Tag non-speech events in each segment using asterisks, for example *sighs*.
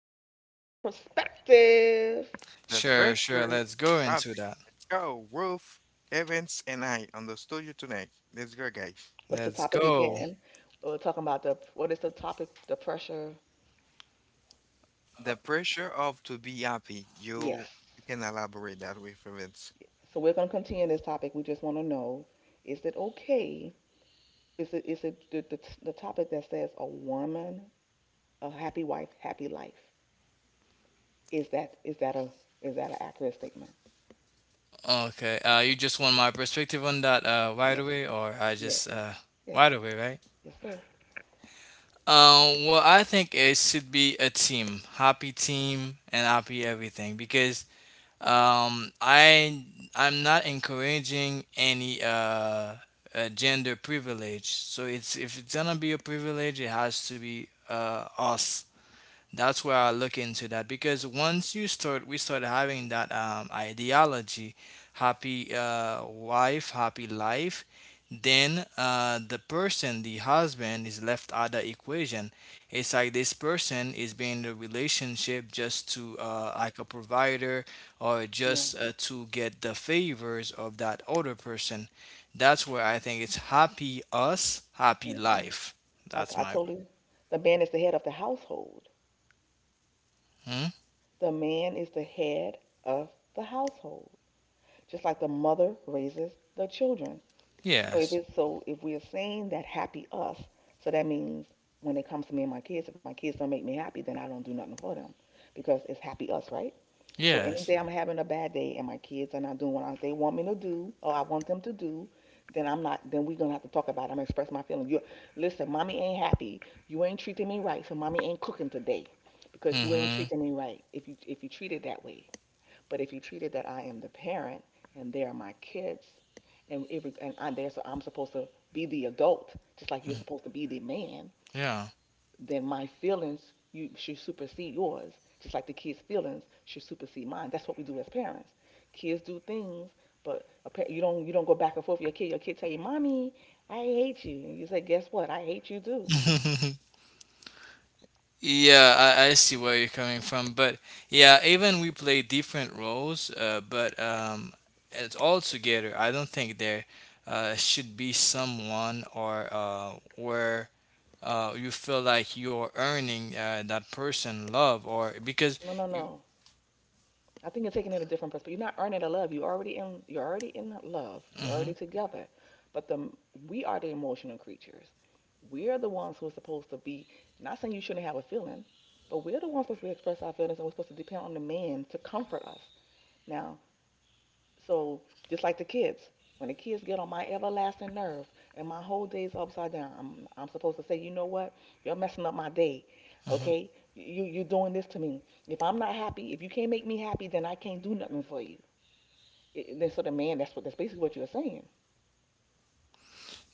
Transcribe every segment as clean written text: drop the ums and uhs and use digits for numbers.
two, a different perspective. The Sure, sure. pressure, Let's go Yabi, into that. Joe, Wolf, Evans, and I on the studio tonight. Let's go, guys. What's the Let's topic go. again? We're talking about the what is the topic? The pressure. The pressure of to be happy. Yes. You can elaborate that with Evans. So we're gonna continue this topic. We just want to know: is it okay? Is it the topic that says a woman, a happy wife, happy life? Is that is that a is that an accurate statement? Okay. You just want my perspective on that right Yes. away, or I Yes. just Yes. right away, right? Yes, sir. Well, I think it should be a team, happy team, and happy everything because um, I I'm not encouraging any gender privilege. So it's if it's gonna be a privilege, it has to be us. That's where I look into that, because once you start, we start having that ideology, happy wife, happy life, then the person, the husband, is left out of the equation. It's like this person is being in a relationship just to like a provider, or just No. To get the favors of that other person. That's where I think it's happy us, happy Mm-mm. life. That's I my. totally. The man is the head of the household. Hmm? The man is the head of the household, just like the mother raises the children. So if Yes. it's so if we're saying that happy us, so that means when it comes to me and my kids, if my kids don't make me happy, then I don't do nothing for them because it's happy us, right? So any Yes. day I'm having a bad day and my kids are not doing what they want me to do or I want them to do, then I'm not. Then we're gonna have to talk about it. I'm gonna express my feelings. You listen, mommy ain't happy. You ain't treating me right, so mommy ain't cooking today because you ain't Mm-hmm. treating me right. If you treat it that way, but if you treat it that I am the parent and they are my kids, and if and I'm there, so I'm supposed to be the adult, just like you're supposed to be the man, Yeah. then my feelings you should supersede yours, just like the kids' feelings should supersede mine. That's what we do as parents. Kids do things, but you don't go back and forth with your kid. Your kid tell you, "Mommy, I hate you," and you say, "Guess what? I hate you too." *laughs* Yeah, I see where you're coming from. But yeah, even we play different roles, but it's all together. I don't think there should be someone, or where you feel like you're earning that person love, or because No, no, no. you. I think you're taking it a different perspective. You're not earning a love. You already in. You're already in love. You're Mm-hmm. already together. But the we are the emotional creatures. We're the ones who are supposed to be. Not saying you shouldn't have a feeling, but we're the ones supposed to express our feelings, and we're supposed to depend on the man to comfort us. Now, so just like the kids, when the kids get on my everlasting nerve and my whole day's upside down, I'm supposed to say, you know what? You're messing up my day. Okay? You're doing this to me. If I'm not happy, if you can't make me happy, then I can't do nothing for you. Then so the man, that's what that's basically what you're saying.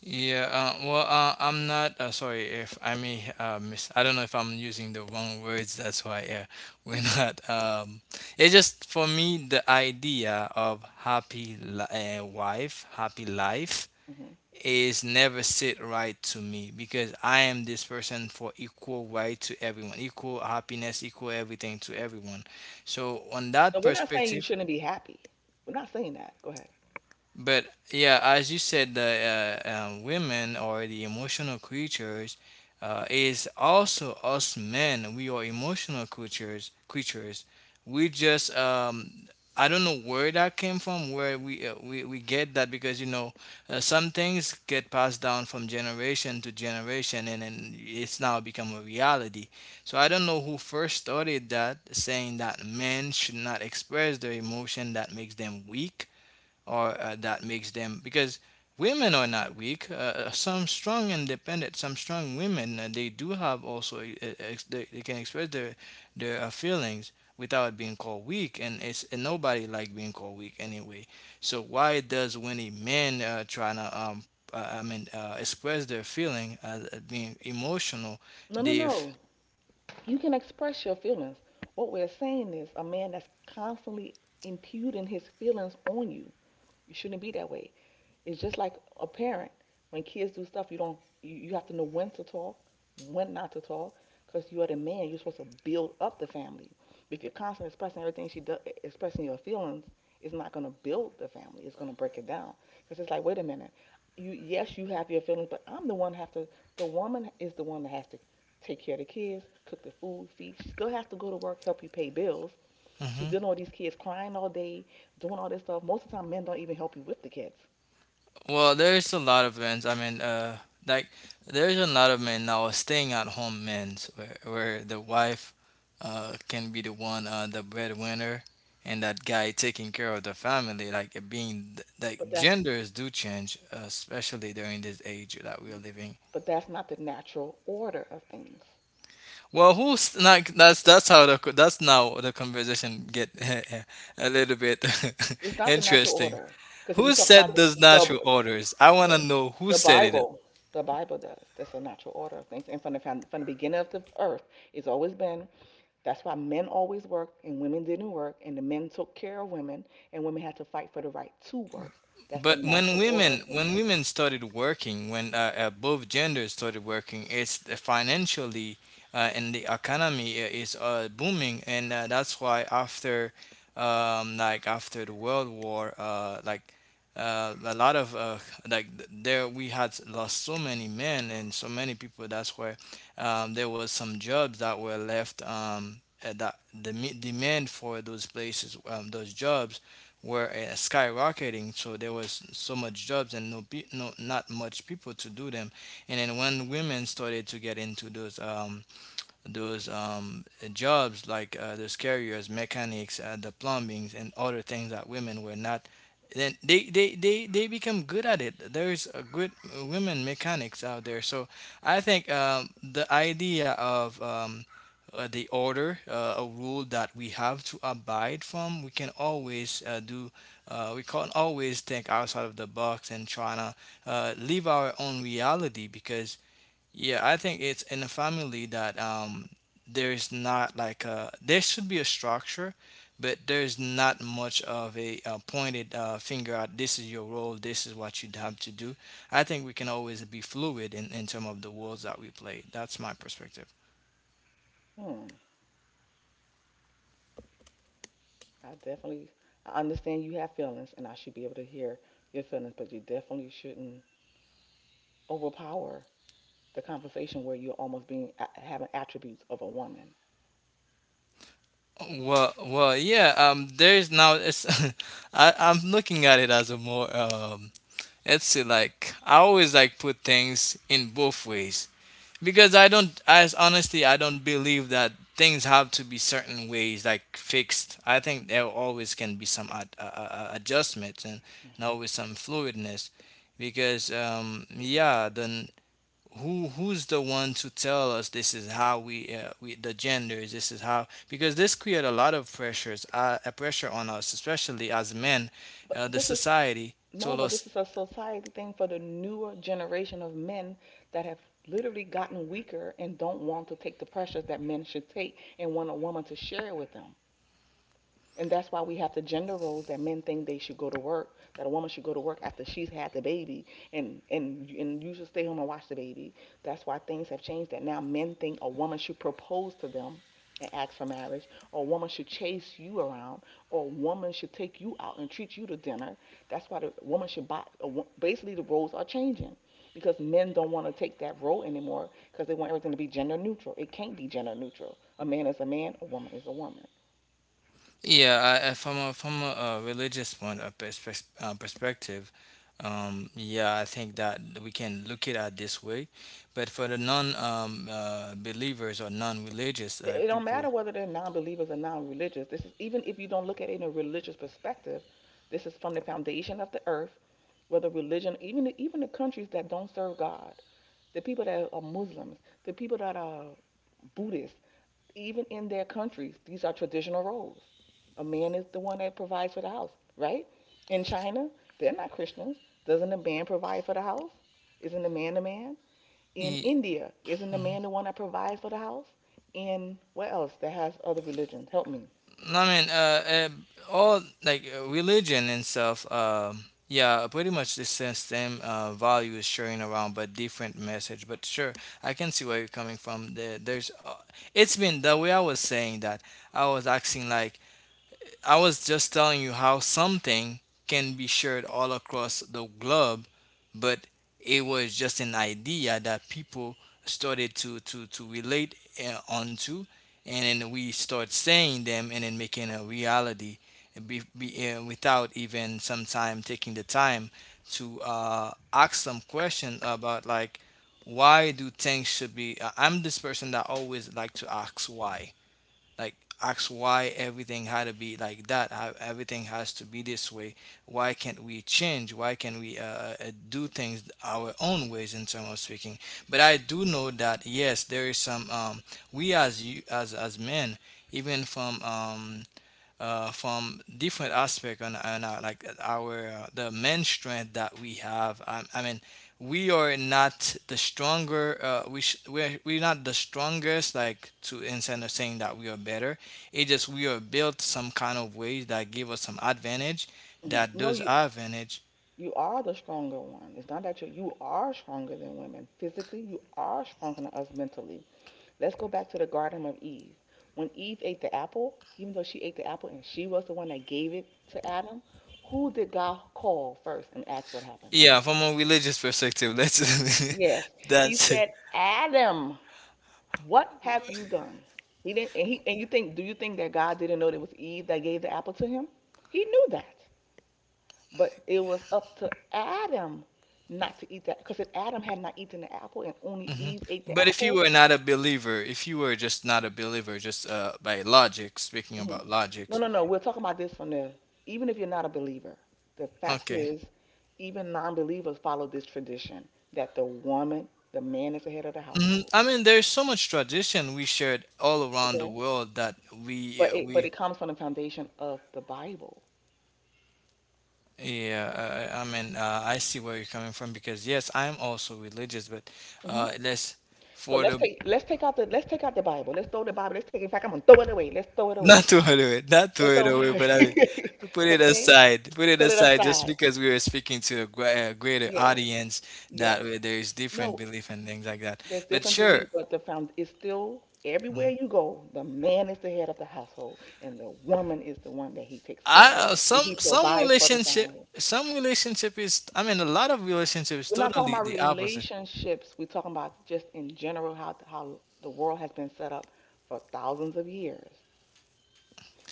Yeah, well, I'm not sorry if I may miss. I don't know if I'm using the wrong words. That's why *laughs* we're Mm hmm. not. It's just for me the idea of happy wife, happy life Mm hmm. is never sit right to me, because I am this person for equal right to everyone, equal happiness, equal everything to everyone. So on No, that we're not saying you perspective, shouldn't be happy. We're not saying that. Go ahead. but yeah, as you said, the women are the emotional creatures. Is also us men. We are emotional creatures. Creatures. We just I don't know where that came from. Where we we get that, because you know some things get passed down from generation to generation, and then it's now become a reality. So I don't know who first started that, saying that men should not express their emotion that makes them weak, or that makes them because women are not weak. Some strong independent, some strong women they do have also they can express their their feelings without being called weak, and it's and nobody like being called weak anyway. So why does when a man trying to I mean express their feeling as being emotional, No, no, they f- no. You can express your feelings. What we're saying is a man that's constantly imputing his feelings on you, you shouldn't be that way. It's just like a parent. When kids do stuff, you don't. You have to know when to talk, when not to talk, because you are the man. You're supposed to build up the family. If you're constantly expressing everything she does, expressing your feelings, it's not going to build the family. It's going to break it down. Because it's like, wait a minute. You, yes, you have your feelings, but I'm the one have to. The woman is the one that has to take care of the kids, cook the food, feed. She still has to go to work, help you pay bills. She's Mhm. dealing with these kids crying all day, doing all this stuff. Most of the time, men don't even help you with the kids. Well, there's a lot of men. I mean, like there's a lot of men now are staying at home men, where the wife can be the one the breadwinner, and that guy taking care of the family, like it being like But that's genders do change, especially during this age that we are living. but that's not the natural order of things. Well who's like that's how the that's now the conversation get *laughs* a little bit It's *laughs* not the natural interesting. order because if you Who talk about said the those natural the, orders? I want to the know who the said it. Bible, the Bible does. That's the natural order of things. And from the found, from the beginning of the earth, it's always been. That's why men always worked and women didn't work, and the men took care of women, and women had to fight for the right to work. That's the But natural order of things. when women started working, when both genders started working, it's the financially and the economy is booming, and that's why after like after the World War, like a lot of like there we had lost so many men and so many people. That's why there was some jobs that were left. That the demand for those places, those jobs were skyrocketing, so there was so much jobs and no, no not much people to do them. And then when women started to get into those those um, jobs, like those carriers, mechanics, the plumbings, and other things that women were not. Then they become good at it. There's a good women mechanics out there. So I think the idea of the order, a rule that we have to abide from, we can always do, we can't always think outside of the box and try to live our own reality, because yeah, I think it's in a family that there is not like a there should be a structure, but there's not much of a, pointed finger at this is your role, this is what you'd have to do. I think we can always be fluid in terms of the roles that we play. That's my perspective. Hmm. I definitely, I understand you have feelings, and I should be able to hear your feelings, but you definitely shouldn't overpower the conversation where you're almost having attributes of a woman. Well, well, yeah. There's now. It's *laughs* I'm looking at it as a more. Let's see, like I always like put things in both ways, because I don't, as honestly, I don't believe that things have to be certain ways like fixed. I think there always can be some adjustments, and always some fluidness, because yeah, then who who's the one to tell us this is how we the genders, this is how, because this create a lot of pressures, a pressure on us especially as men, But the this is society no, told but this us. is a society thing for the newer generation of men that have literally gotten weaker and don't want to take the pressures that men should take and want a woman to share with them. And that's why we have the gender roles that men think they should go to work, that a woman should go to work after she's had the baby, and and you should stay home and watch the baby. That's why things have changed. That now men think a woman should propose to them and ask for marriage, or a woman should chase you around, or a woman should take you out and treat you to dinner. That's why the woman should buy. Basically, the roles are changing because men don't want to take that role anymore because they want everything to be gender neutral. It can't be gender neutral. A man is a man, a woman is a woman. Yeah, from a, religious point of perspective, yeah, I think that we can look it at this way. But for the non believers or non-religious It don't people, matter whether they're non-believers or non-religious. This is even if you don't look at it in a religious perspective. This is from the foundation of the earth, whether religion, even the countries that don't serve God, the people that are Muslims, the people that are Buddhists, even in their countries these are traditional roles. A man is the one that provides for the house, right? In China, they're not Christians. Doesn't a man provide for the house? Isn't a man a man? In y- India, isn't the man the one that provides for the house? In what else that has other religions? Help me. I mean, all like religion and stuff. Um yeah, pretty much the same value is sharing around, but different message. But sure, I can see where you're coming from. There's it's been the way I was saying that. I was asking like I was just telling you how something can be shared all across the globe, but it was just an idea that people started to relate onto, and then we start saying them and then making a reality, without even sometime taking the time to ask some question about like why do things should be. I'm this person that always like to ask why, like ask why everything had to be like that, how everything has to be this way, why can't we change, why can't we do things our own ways in terms of speaking. But I do know that yes there is some we as you as men, even from different aspect on our, like our the main strength that we have. I mean, we are not the stronger. We sh- we're not the strongest. Like, to instead of saying that we are better, it just we are built some kind of ways that give us some advantage. Hmm. That No, those you advantage. you are the stronger one. It's not that you are stronger than women physically. You are stronger than us mentally. Let's go back to the Garden of Eve. When Eve ate the apple, even though she ate the apple and she was the one that gave it to Adam, who did God call first and ask what happened? Yeah, from a religious perspective, that's *laughs* Yes. He that's it. said Adam. What have you done? He didn't and he and you think Do you think that God didn't know that it was Eve that gave the apple to him? He knew that. But it was up to Adam not to eat that, because if Adam had not eaten the apple and only Eve ate the But if you apple, were not a believer, if you were just not a believer, just by logic, speaking mhm. about No, logics, no, no. We're talking about this from the even if you're not a believer. The fact okay. is, even non-believers follow this tradition that the woman, the man is the head of the Mhm. household. I mean, there's so much tradition we shared all around the Okay, world that but it but we it comes from the foundation of the Bible. yeah. I mean, I see where you're coming from because yes, I'm also religious, but Mm-hmm. Let's So for let's the take let's take out the Bible. Let's throw the Bible. Let's take. In fact, I'm gonna throw it away. Let's throw it *laughs* not away. throw it away, not throw Let's it throw it away, away. but I mean, *laughs* okay, put it put it aside, just aside. because we were speaking to a, a greater Yes, audience that yes. There is different No, belief and things like that. there's But different sure, beliefs, but the found is still everywhere you go. The man is the head of the household, and the woman is the one that he takes care of, I and he some provides for the relationship. family. Some relationship is, I mean, a lot of relationship is We're not talking totally about the opposite. relationships. We're talking about just in general how the world has been set up for thousands of years.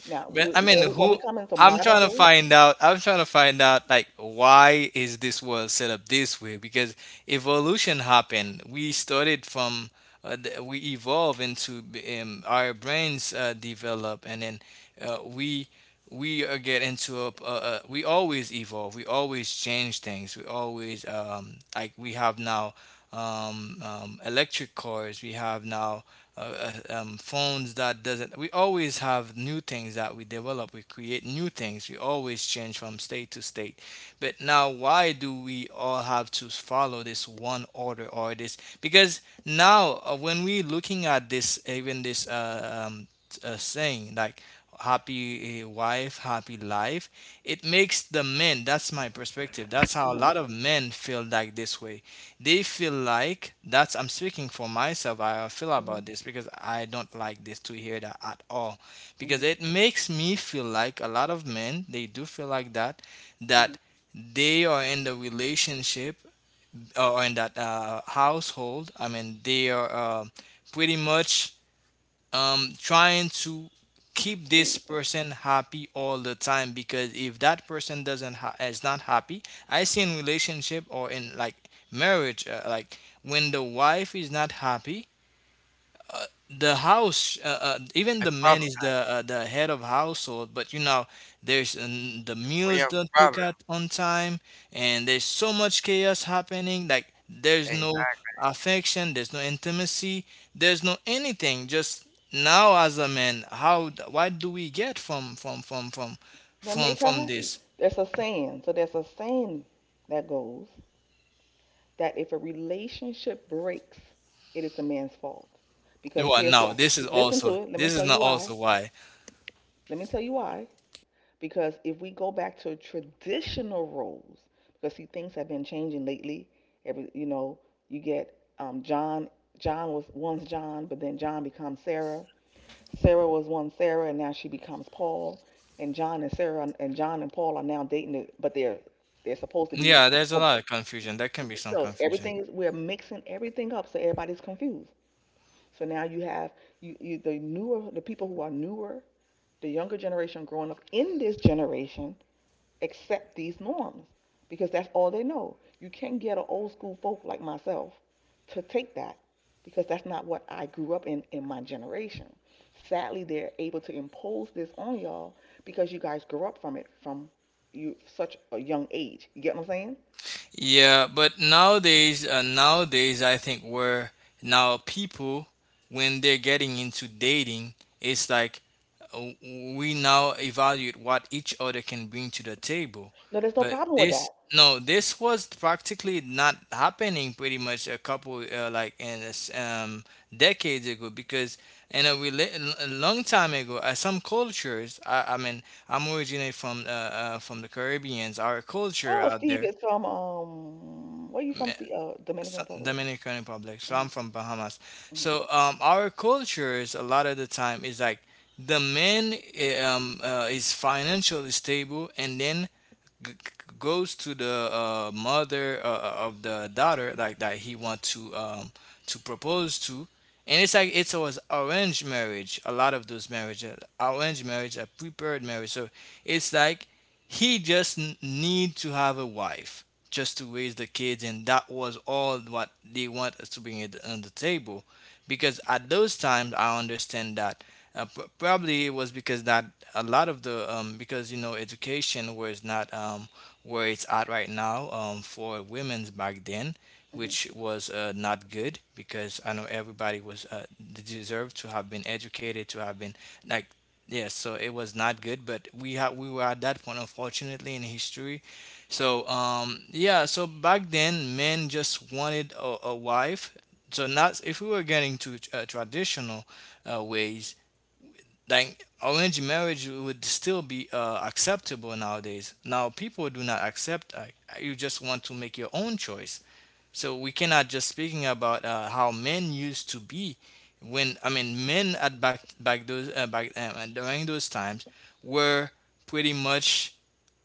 Now, But I mean, when we who? come into I'm modern trying to day, find out. I'm trying to find out like why is this world set up this way? Because evolution happened. We started from we evolve into our brains develop, and then uh, we we get into a we always evolve, we always change things, we always like we have now electric cars, we have now phones that doesn't, we always have new things that we develop, we create new things, we always change from state to state. But now why do we all have to follow this one order or this, because now when we looking at this even this saying like happy wife, happy life. It makes the men, that's my perspective. That's how a mhm, lot of men feel like this way. They feel like that's I'm speaking for myself. I feel mhm, about this because I don't like this to hear that at all, mhm, because it makes me feel like a lot of men, they do feel like that mhm, that they are in the relationship or in that household. I mean, they are pretty much trying to keep this please, person happy all the time because if that person doesn't ha- is not happy. I see in relationship or in like marriage, like when the wife is not happy, the house, even A the man problem. is the the head of household, but there's the We meals have don't cook problem. out on time, and there's so much chaos happening, like there's no Exactly. affection, there's no intimacy, there's no anything, just now as a man, what do we get from from from from then from make her from happy. this. There's a saying. So there's a saying that goes that if a relationship breaks, it is the man's fault. Because Well, here's no, why. this is Listen also, to it. Let me this is tell not you why. also, why. Let me tell you why. Because if we go back to traditional roles, because see things have been changing lately. Every you get John. John was once John, but then John becomes Sarah. Sarah was one Sarah, and now she becomes Paul. And John and Sarah and John and Paul are now dating, but they're supposed to be. Yeah, there's a But lot of confusion, there can be some so confusion. everything is we're mixing everything up, so everybody's confused. So now you have you the newer, the people who are newer, the younger generation growing up in this generation accept these norms because that's all they know. You can't get an old school folk like myself to take that because that's not what I grew up in my generation. Sadly, they're able to impose this on y'all because you guys grew up from it from you such a young age. You get what I'm saying? Yeah, but nowadays, nowadays, I think where now people, when they're getting into dating, it's like, we now evaluate what each other can bring to the table. No, there's no But problem with this, that. no, this was practically not happening pretty much a couple, like in this, decades ago, because in a, a long time ago, some cultures, I mean, I'm originally from the Caribbeans, our culture Oh, out Steve there. is from where you from? Steve, Dominican Republic. Dominican Republic. So Hmm. I'm from Bahamas. Hmm. So our cultures a lot of the time is like the man, is financially stable, and then g- g- goes to the mother of the daughter, like that he want to propose to, and it's like it's was arranged marriage, a lot of those marriages arranged marriage, a prepared marriage, so it's like he just need to have a wife just to raise the kids, and that was all what they want us to bring it on the table. Because at those times, I understand that probably it was because that a lot of the because education was not where it's at right now, for women's back then, Hmm. which was not good, because I know everybody was they deserved to have been educated, to have been, like. Yes, so it was not good, but we were at that point, unfortunately, in history. So yeah, so back then, men just wanted a wife. So not if we were getting to traditional ways, like arranged marriage would still be acceptable nowadays. Now people do not accept. You just want to make your own choice. So we cannot just speaking about how men used to be, when I mean men at back those, back during those times, were pretty much,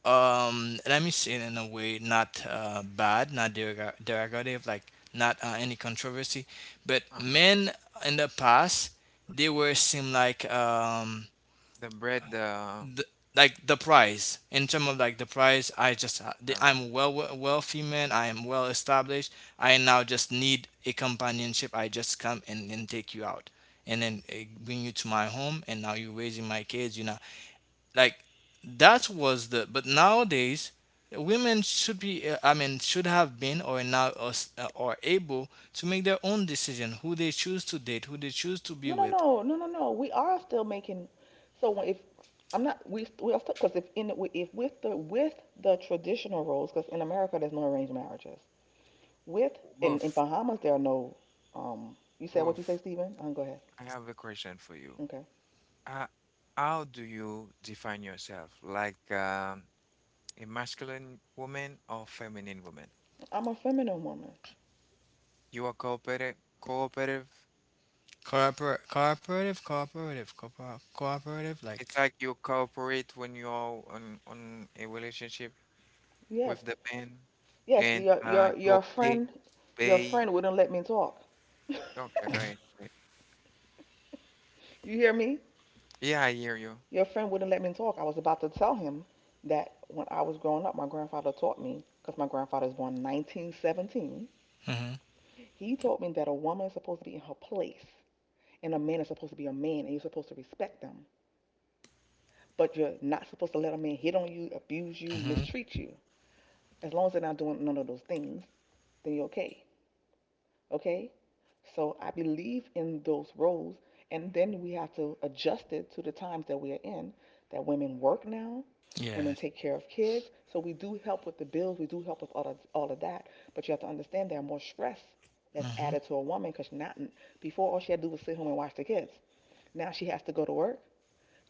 let me say it in a way not bad, not derogative, like, not any controversy, but Uh, men in the past, they were seem like, the bread. The the, like the price, in terms of like the price, I just uh, I'm wealthy man, I am well established. I now just need a companionship, I just come and take you out, and then bring you to my home, and now you're raising my kids, like that was the, but nowadays, women should be I mean should have been, or now are able to make their own decision, who they choose to date, who they choose to be No, no, with. no, no, no, no. We are still making. So when- if I'm not, we st- We are still because if with the with the traditional roles, because in America there's no arranged marriages. With in Wolf. Bahamas there are no. You said what you say, Wolf. Stephen? Go ahead. I have a question for you. Okay. Uh, how do you define yourself? A masculine woman or feminine woman? I'm a feminine woman. You are cooperative. Cooperative. Cooperative, cooperative, cooperative, cooperative, like. It's like you cooperate when you're on a relationship with Yes, the man, yes. and Your your you your pay friend, your pay. friend wouldn't let me talk. *laughs* Okay, go ahead. Go ahead. You hear me? Yeah, I hear you. Your friend wouldn't let me talk. I was about to tell him that when I was growing up, my grandfather taught me, because my grandfather was born in 1917. Mm-hmm. He taught me that a woman is supposed to be in her place and a man is supposed to be a man and you're supposed to respect them. But you're not supposed to let a man hit on you, abuse you, Mm-hmm. mistreat you. As long as they're not doing none of those things, then you're okay. Okay? So I believe in those roles. And then we have to adjust it to the times that we are in, that women work now, women Yes. take care of kids. So we do help with the bills, we do help with all of that. But you have to understand there are more stress that's Mm-hmm. added to a woman because not before all she had to do was sit home and watch the kids. Now she has to go to work,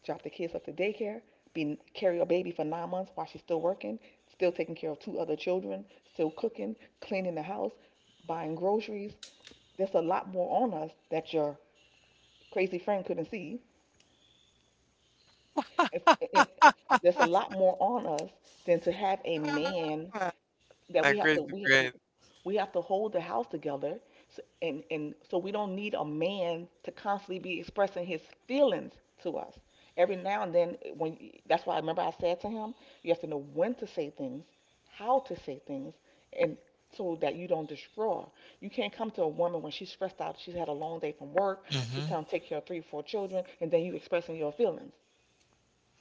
drop the kids up to daycare, be carry a baby for 9 months while she's still working, still taking care of two other children, still cooking, cleaning the house, buying groceries. There's a lot more on us that your crazy friend couldn't see. If it, There's a lot more on us than to have a man Ah, that my crazy friend. we have to hold the house together. So, and so we don't need a man to constantly be expressing his feelings to us every now and then. When that's why I remember I said to him, you have to know when to say things, how to say things, and so that you don't destroy. You can't come to a woman when she's stressed out, she's had a long day from work, she's Mm-hmm. trying to take care of three or four children, and then you expressing your feelings.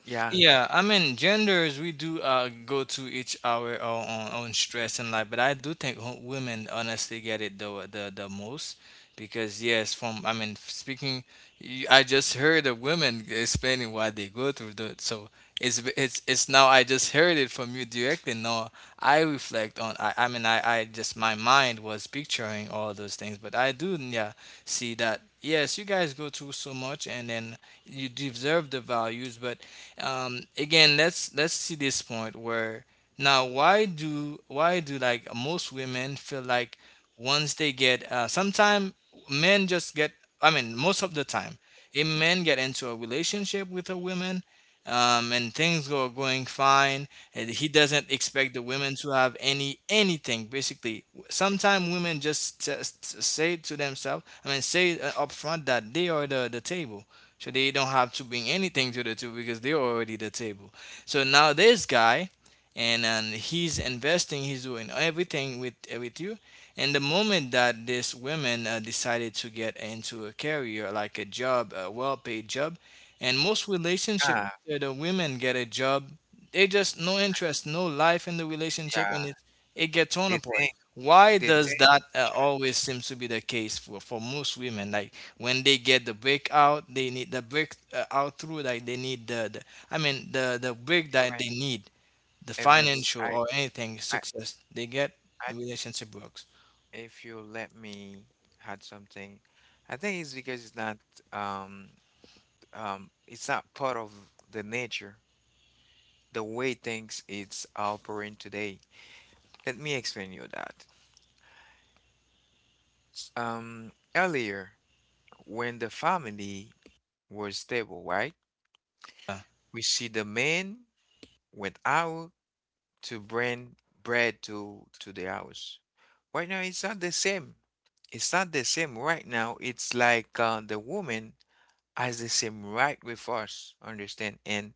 Yeah, Yeah, I mean, genders, we do go to each our own stress in life, but I do think women honestly get it the most, because, yes, from, I mean, speaking, I just heard of women explaining why they go through that. So it's now I just heard it from you directly. Now I reflect on, I mean, I just, my mind was picturing all those things, but I do, yeah, see that, yes, you guys go through so much, and then you deserve the values, but again, let's see this point where now, why do like most women feel like, once they get sometime, men just get, I mean most of the time, if men get into a relationship with a woman, and things go going fine, and he doesn't expect the women to have anything, basically sometimes women just say to themselves, I mean say, up front, that they are the table, so they don't have to bring anything to the table because they're already the table. So now this guy, and he's investing, he's doing everything with you, and the moment that this woman decided to get into a career, like a job, a well-paid job, and most relationship, ah, the women get a job, they just no interest, no life in the relationship, yeah. and it gets torn The thing, apart. Why the thing. does that Sure, always seems to be the case for, most women, like when they get the break out, they need the break out through that, they need the, I mean the break that event they need, the events. financial or anything I success they get, I. the relationship works. If you let me had something, I think it's because it's not, um it's not part of the nature, the way things it's operating today. Let me explain you that. Earlier, when the family was stable, right? Yeah, We see the man went out to bring bread to the house. Right now, it's not the same. It's not the same right now. It's like the woman has the same right with us, understand? And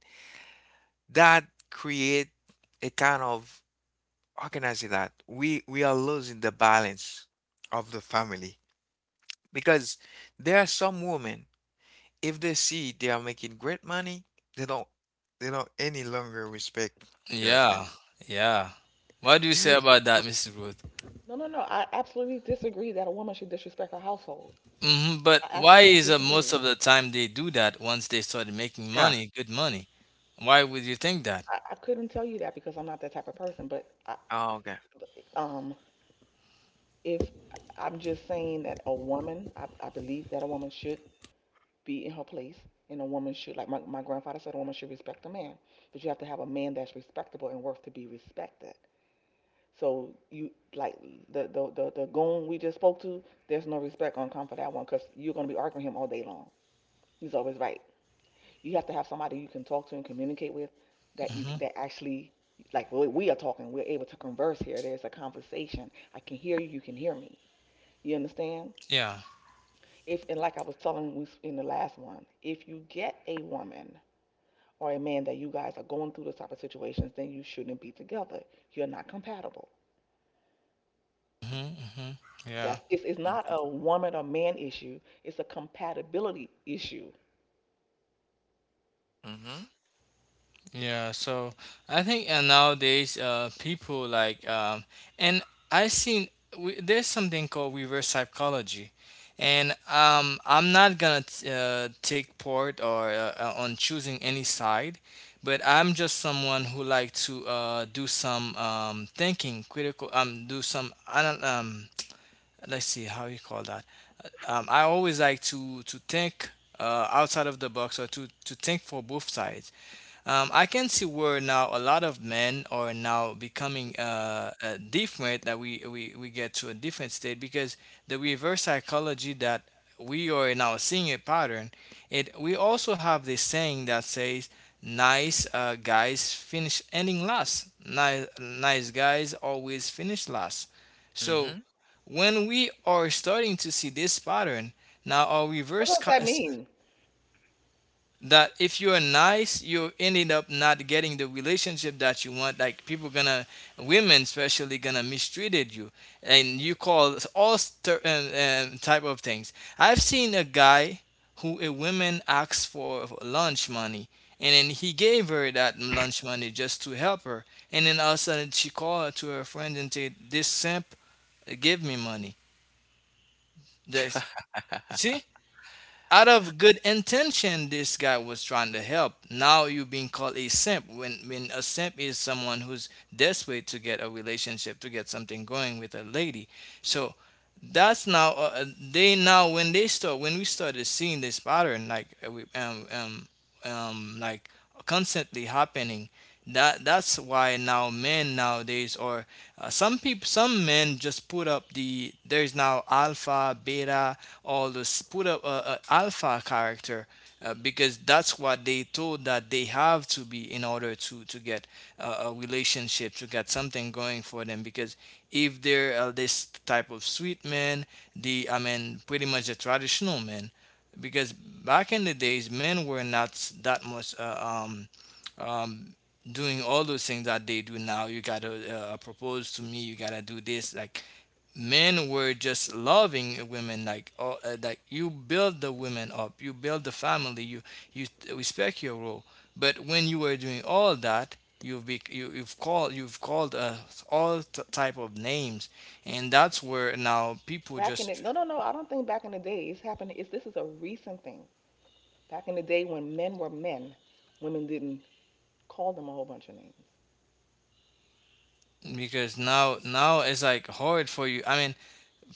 that create a kind of, how can I say that? We are losing the balance of the family because there are some women. If they see they are making great money, they don't they don't any longer respect their husband. yeah, yeah. What do you This say is about that, Mrs. Ruth? No. I absolutely disagree that a woman should disrespect her household. Hmm, but I why absolutely is, most disagree. of the time they do that once they started making yeah. money, good money? Why would you think that? I couldn't tell you that because I'm not that type of person, but Oh, okay. but, um, if I'm just saying that a woman, I believe that a woman should be in her place, and a woman should, like my grandfather said, a woman should respect a man, but you have to have a man that's respectable and worth to be respected. So you like the goon we just spoke to, there's no respect on come for that one because you're gonna be arguing him all day long. He's always right. You have to have somebody you can talk to and communicate with, that you Hmm. that actually, like really, we are talking. We're able to converse here. There's a conversation. I can hear you. You can hear me. You understand? Yeah. If and like I was telling in the last one, if you get a woman or a man that you guys are going through those type of situations, then you shouldn't be together. You're not compatible. Hmm. Hmm. Yeah. That's it's not Mm-hmm. a woman or man issue. It's a compatibility issue. Mm-hmm. Yeah, so I think nowadays, people like, and I seen, we, there's something called reverse psychology, and I'm not gonna take part or on choosing any side, but I'm just someone who like to do some thinking, critical, do some let's see how you call that. I always like to think outside of the box, or to think for both sides, I can see where now a lot of men are now becoming different. That we get to a different state, because the reverse psychology that we are now seeing a pattern. It we also have this saying that says nice guys finish ending last. Nice guys always finish last. So when we are starting to see this pattern, now our What does that mean? that if you're nice, you ended up not getting the relationship that you want, like people gonna, women especially gonna mistreated you, and you call all type of things. I've seen a guy who a woman asked for lunch money, and then he gave her that lunch money just to help her, and then all of a sudden she called to her friend and said, this simp give me money, this, *laughs* see, out of good intention this guy was trying to help, now you're being called a simp, when a simp is someone who's desperate to get a relationship, to get something going with a lady. So that's now, they now, when they start, when we started seeing this pattern, like we, like constantly happening, that that's why now men nowadays, or some people, some men just put up the, there's now alpha beta, or this put a alpha character, because that's what they told that they have to be, in order to get a relationship, to get something going for them, because if they're, this type of sweet man, the, I mean, pretty much a traditional man, because back in the days men were not that much um doing all those things that they do now. You gotta propose to me, you gotta do this, like, men were just loving women, like, oh, like you build the women up, you build the family, you respect your role. But when you were doing all that, you've called us all type of names, and that's where now people Back in the just, no, I don't think back in the day it's happened. It's this is a recent thing. Back in the day when men were men, women didn't call them a whole bunch of names. because now it's like hard for you, I mean,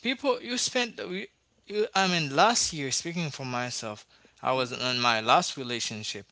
people you spent, you, I mean, last year, speaking for myself, I Hmm was in my last relationship.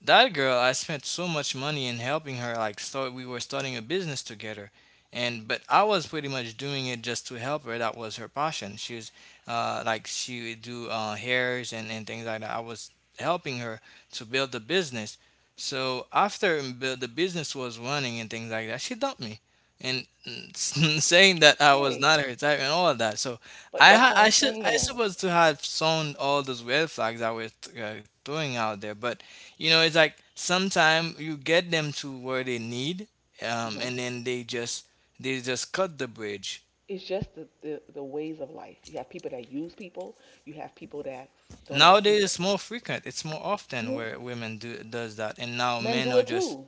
That girl, I spent so much money in helping her. Like, start, we were starting a business together, and but I was pretty much doing it just to help her. That was her passion. She was, like, she would do hairs and things like that. I was helping her to build the business. So after the business was running and things like that, she dumped me, and *laughs* saying that I was Okay, not her type and all of that. So but that's what I'm I should, I saying. supposed to have sown all those red flags I was throwing out there, but you know, it's like sometimes you get them to where they need, Hmm and then they just cut the bridge. It's just the ways of life. You have people that use people, you have people that don't approve. Nowadays, it's more frequent. It's more often Mhm. where women do does that, and now Men men do are it just too.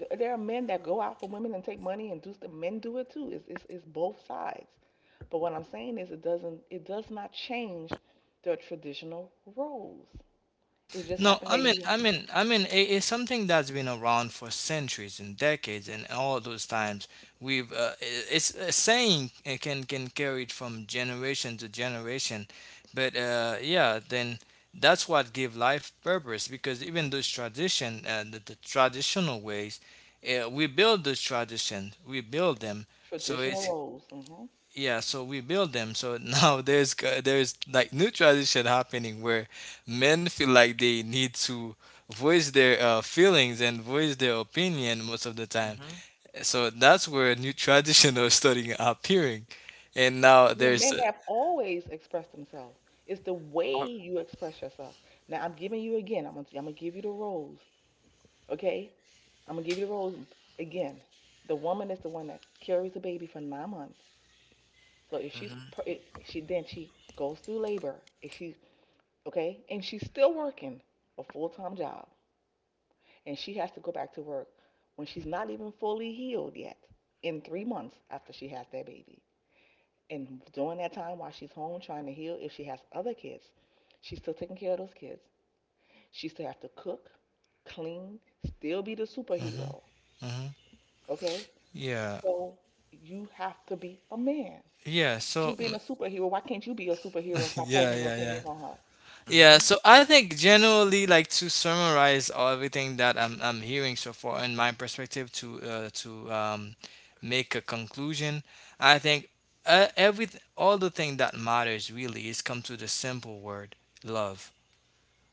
There are men that go out for women and take money and do stuff. Men do it too. It's both sides. But what I'm saying is it doesn't, it does not change the traditional roles. It just No, happened I that mean, you I mean, I mean, it, it's something that's been around for centuries and decades, and all those times we've I- it's a saying it can carry it from generation to generation, but yeah, then that's what give life purpose because even those the traditional ways, we build those traditions, we build them, so traditional it roles. Hmm yeah, so we build them. So *laughs* now there's like new tradition happening where men feel like they need to voice their feelings and voice their opinion most of the time. Mm-hmm. So that's where new *laughs* tradition are starting appearing, and now Well, there's. men have always expressed themselves. It's the way Oh, you express yourself. Now, I'm giving you again. I'm gonna give you the roles. Okay? I'm gonna give you the roles again. The woman is the one that carries the baby for 9 months. So if she's mm-hmm. pr- if she then she goes through labor. If she, okay, and she's still working a full-time job, and she has to go back to work when she's not even fully healed yet in 3 months after she has that baby. And during that time while she's home trying to heal, if she has other kids, she's still taking care of those kids. She still has to cook, clean, still be the Hmm superhero. hmm Okay? Yeah, So you have to be a man. yeah. She's So being a superhero. Why can't you be a superhero and *laughs* stop yeah, posing your yeah, yeah. opinions on her? Yeah, Mm-hmm. so I think generally, like to summarize all everything that I'm hearing so far in my perspective to make a conclusion, I think every all the thing that matters really is come to the simple word love.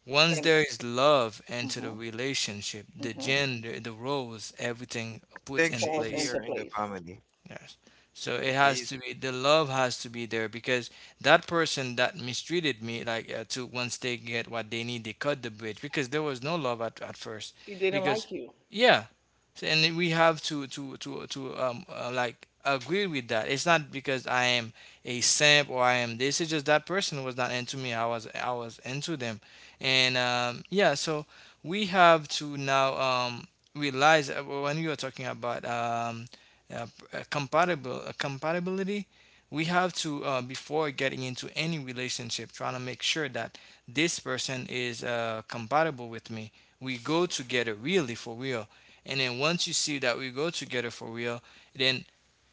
Once And there is love into the mm-hmm, relationship, the mm-hmm, gender, the roles, everything puts Things in falls place. into easier in the place. family. Yes. So it Very has easy. to be the love has to be there because that person that mistreated me, like to once they get what they need, they cut the bridge because there was no love at first. She didn't Because like you. yeah, And then we have to agree with that. It's not because I am a simp or I am this. It's just that person was not into me. I was into them, and yeah. So we have to now realize when we were talking about p- compatible compatibility we have to before getting into any relationship trying to make sure that this person is compatible with me we go together really for real and then once you see that we go together for real then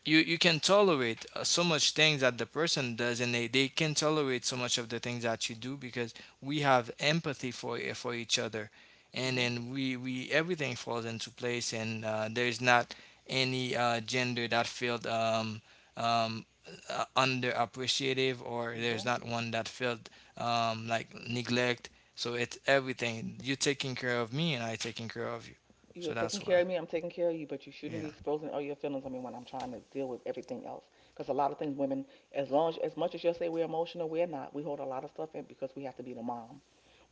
you can tolerate so much things that the person does and they can tolerate so much of the things that you do because we have empathy for each other and Mm-hmm, then we everything falls into place and there's not any gender that felt um, underappreciative or there's mm-hmm. not one that felt like neglect so it's everything you taking care of me and I taking care of you You so are that's taking care why, of me, I'm taking care of you, but you shouldn't be yeah exposing all your feelings on me when I'm trying to deal with everything else. Because a lot of things women, as long as much as you'll say we're emotional, we're not. We hold a lot of stuff in because we have to be the mom.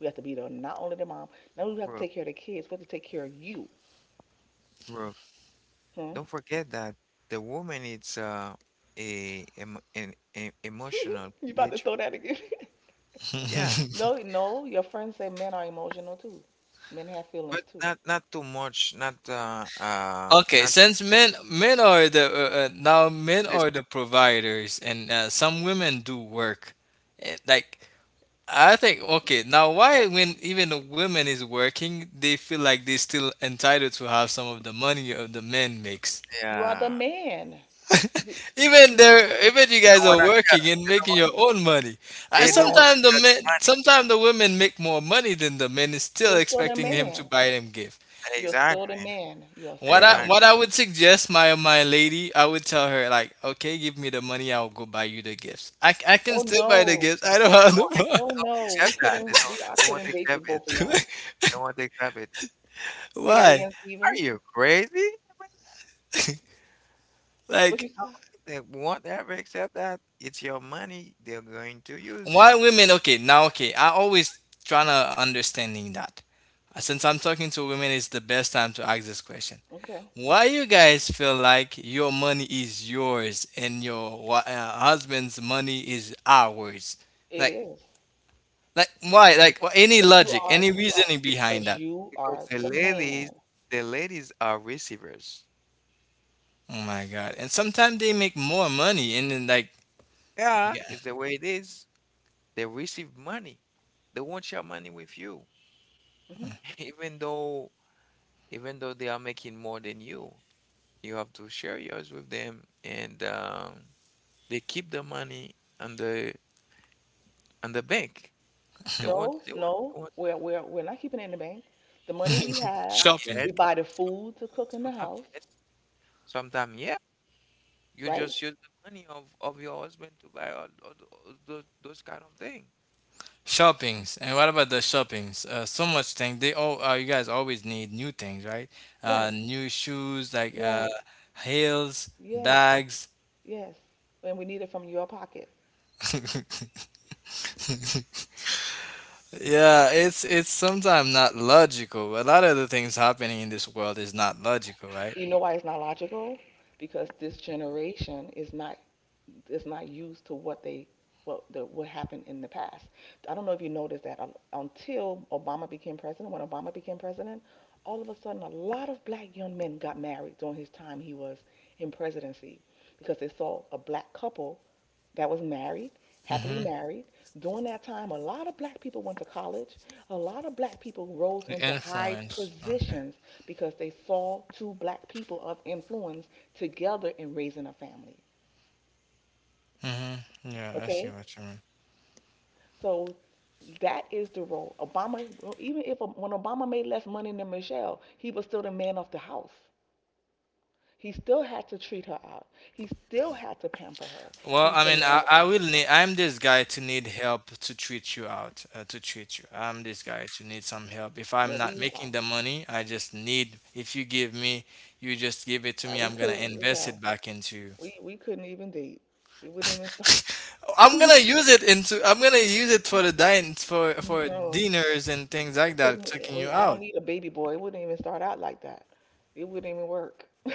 We have to be the not only the mom, not only we have to Roof. take care of the kids, we have to take care of you. Roof. Huh? Don't forget that the woman is a, an emotional *laughs* You about to creature. throw that again? Yeah, *laughs* *laughs* No, no, your friends say men are emotional too. Men have feelings but too. not too much. Not Okay, not. since eh, men are the now men this- are the providers, and some women do work. Like I think, okay, now why when even the women is working, they feel like they still entitled to have some of the money of the men makes. You are the Yeah. man. *laughs* Even there, even you I guys don't are wanna. working and making Yeah. your own money. I They don't want Yes, to sometimes the share the men, sometimes the women make more money than the men is you still are still the expecting him to man. buy them gift. money. You're still the Exactly. man. You are What still the I Exactly. what man. I would suggest my lady, I would tell her like, okay, give me the money, I'll go buy you the gifts. I can Oh still buy the no. gifts. I don't have the Oh They don't no, we accept that. They couldn't. don't. We I They want to couldn't date the accept it. both of y'all. They want to accept it. *laughs* Say that why again, Are Steven. you crazy? I mean, What you like no, said? they won't ever accept that. It's your money. They're going to why use women? Okay, now okay, I always trying to understanding that. Since I'm talking to women, it's the best time to ask this question. Okay, Why you guys feel like your money is yours and your husband's money is ours? it Like is like why? Be- Any because logic, any you are reasoning be- behind because that? you because are the man. The ladies are receivers. Oh my God. And sometimes they make more money and then like Yeah, yeah, it's the way it is. They receive money. They won't share money with you, Hmm *laughs* even though, even though they are making more than you. You have to share yours with them. And They keep the money on the, on the bank. They want No, they want, no, they want we're not keeping it in the bank. The money we have, some. shopping. Yes, we buy the some, food to cook in the sometimes house, yes, sometimes yeah. You right? just use the money of your husband to buy all, all those kind of thing. Shoppings. And what about the shoppings? So much things. They all you guys always need new things, right? Right, New shoes like right. heels, Yes, bags. yes, yes. And we need it from your pocket. *laughs* Yeah, it's sometimes not logical. A lot of the things happening in this world is not logical, right? You know why it's not logical? Because this generation is not, is not used to what they, what what happened in the past. I don't know if you noticed that until Obama became president, when Obama became president, all of a sudden a lot of black young men got married during his time he was in presidency because they saw a black couple that was married, happily Mm-hmm. married. During that time, a lot of black people went to college. A lot of black people rose The into high influence. Okay. positions because they saw two black people of influence together in raising a family. Mm-hmm. Yeah, I see Okay? what you mean. So that is the role. Obama, even if when Obama made less money than Michelle, he was still the man of the house. He still had to treat her out. He still had to pamper her. Well, He's the man of I the will house. need. I'm this guy to need help to treat you out, to treat you. I'm this guy to need some help. If I'm But not making the money, I just need. If you give me, you just give it to me. we I'm gonna couldn't. invest it back into you. We couldn't even date. It wouldn't even start. *laughs* It I'm gonna couldn't. use it into. I'm gonna use it for the din for No, dinners and things like it that, couldn't. Yeah, taking you we, I don't out. need a baby boy. It wouldn't even start out like that. It wouldn't even work. *laughs*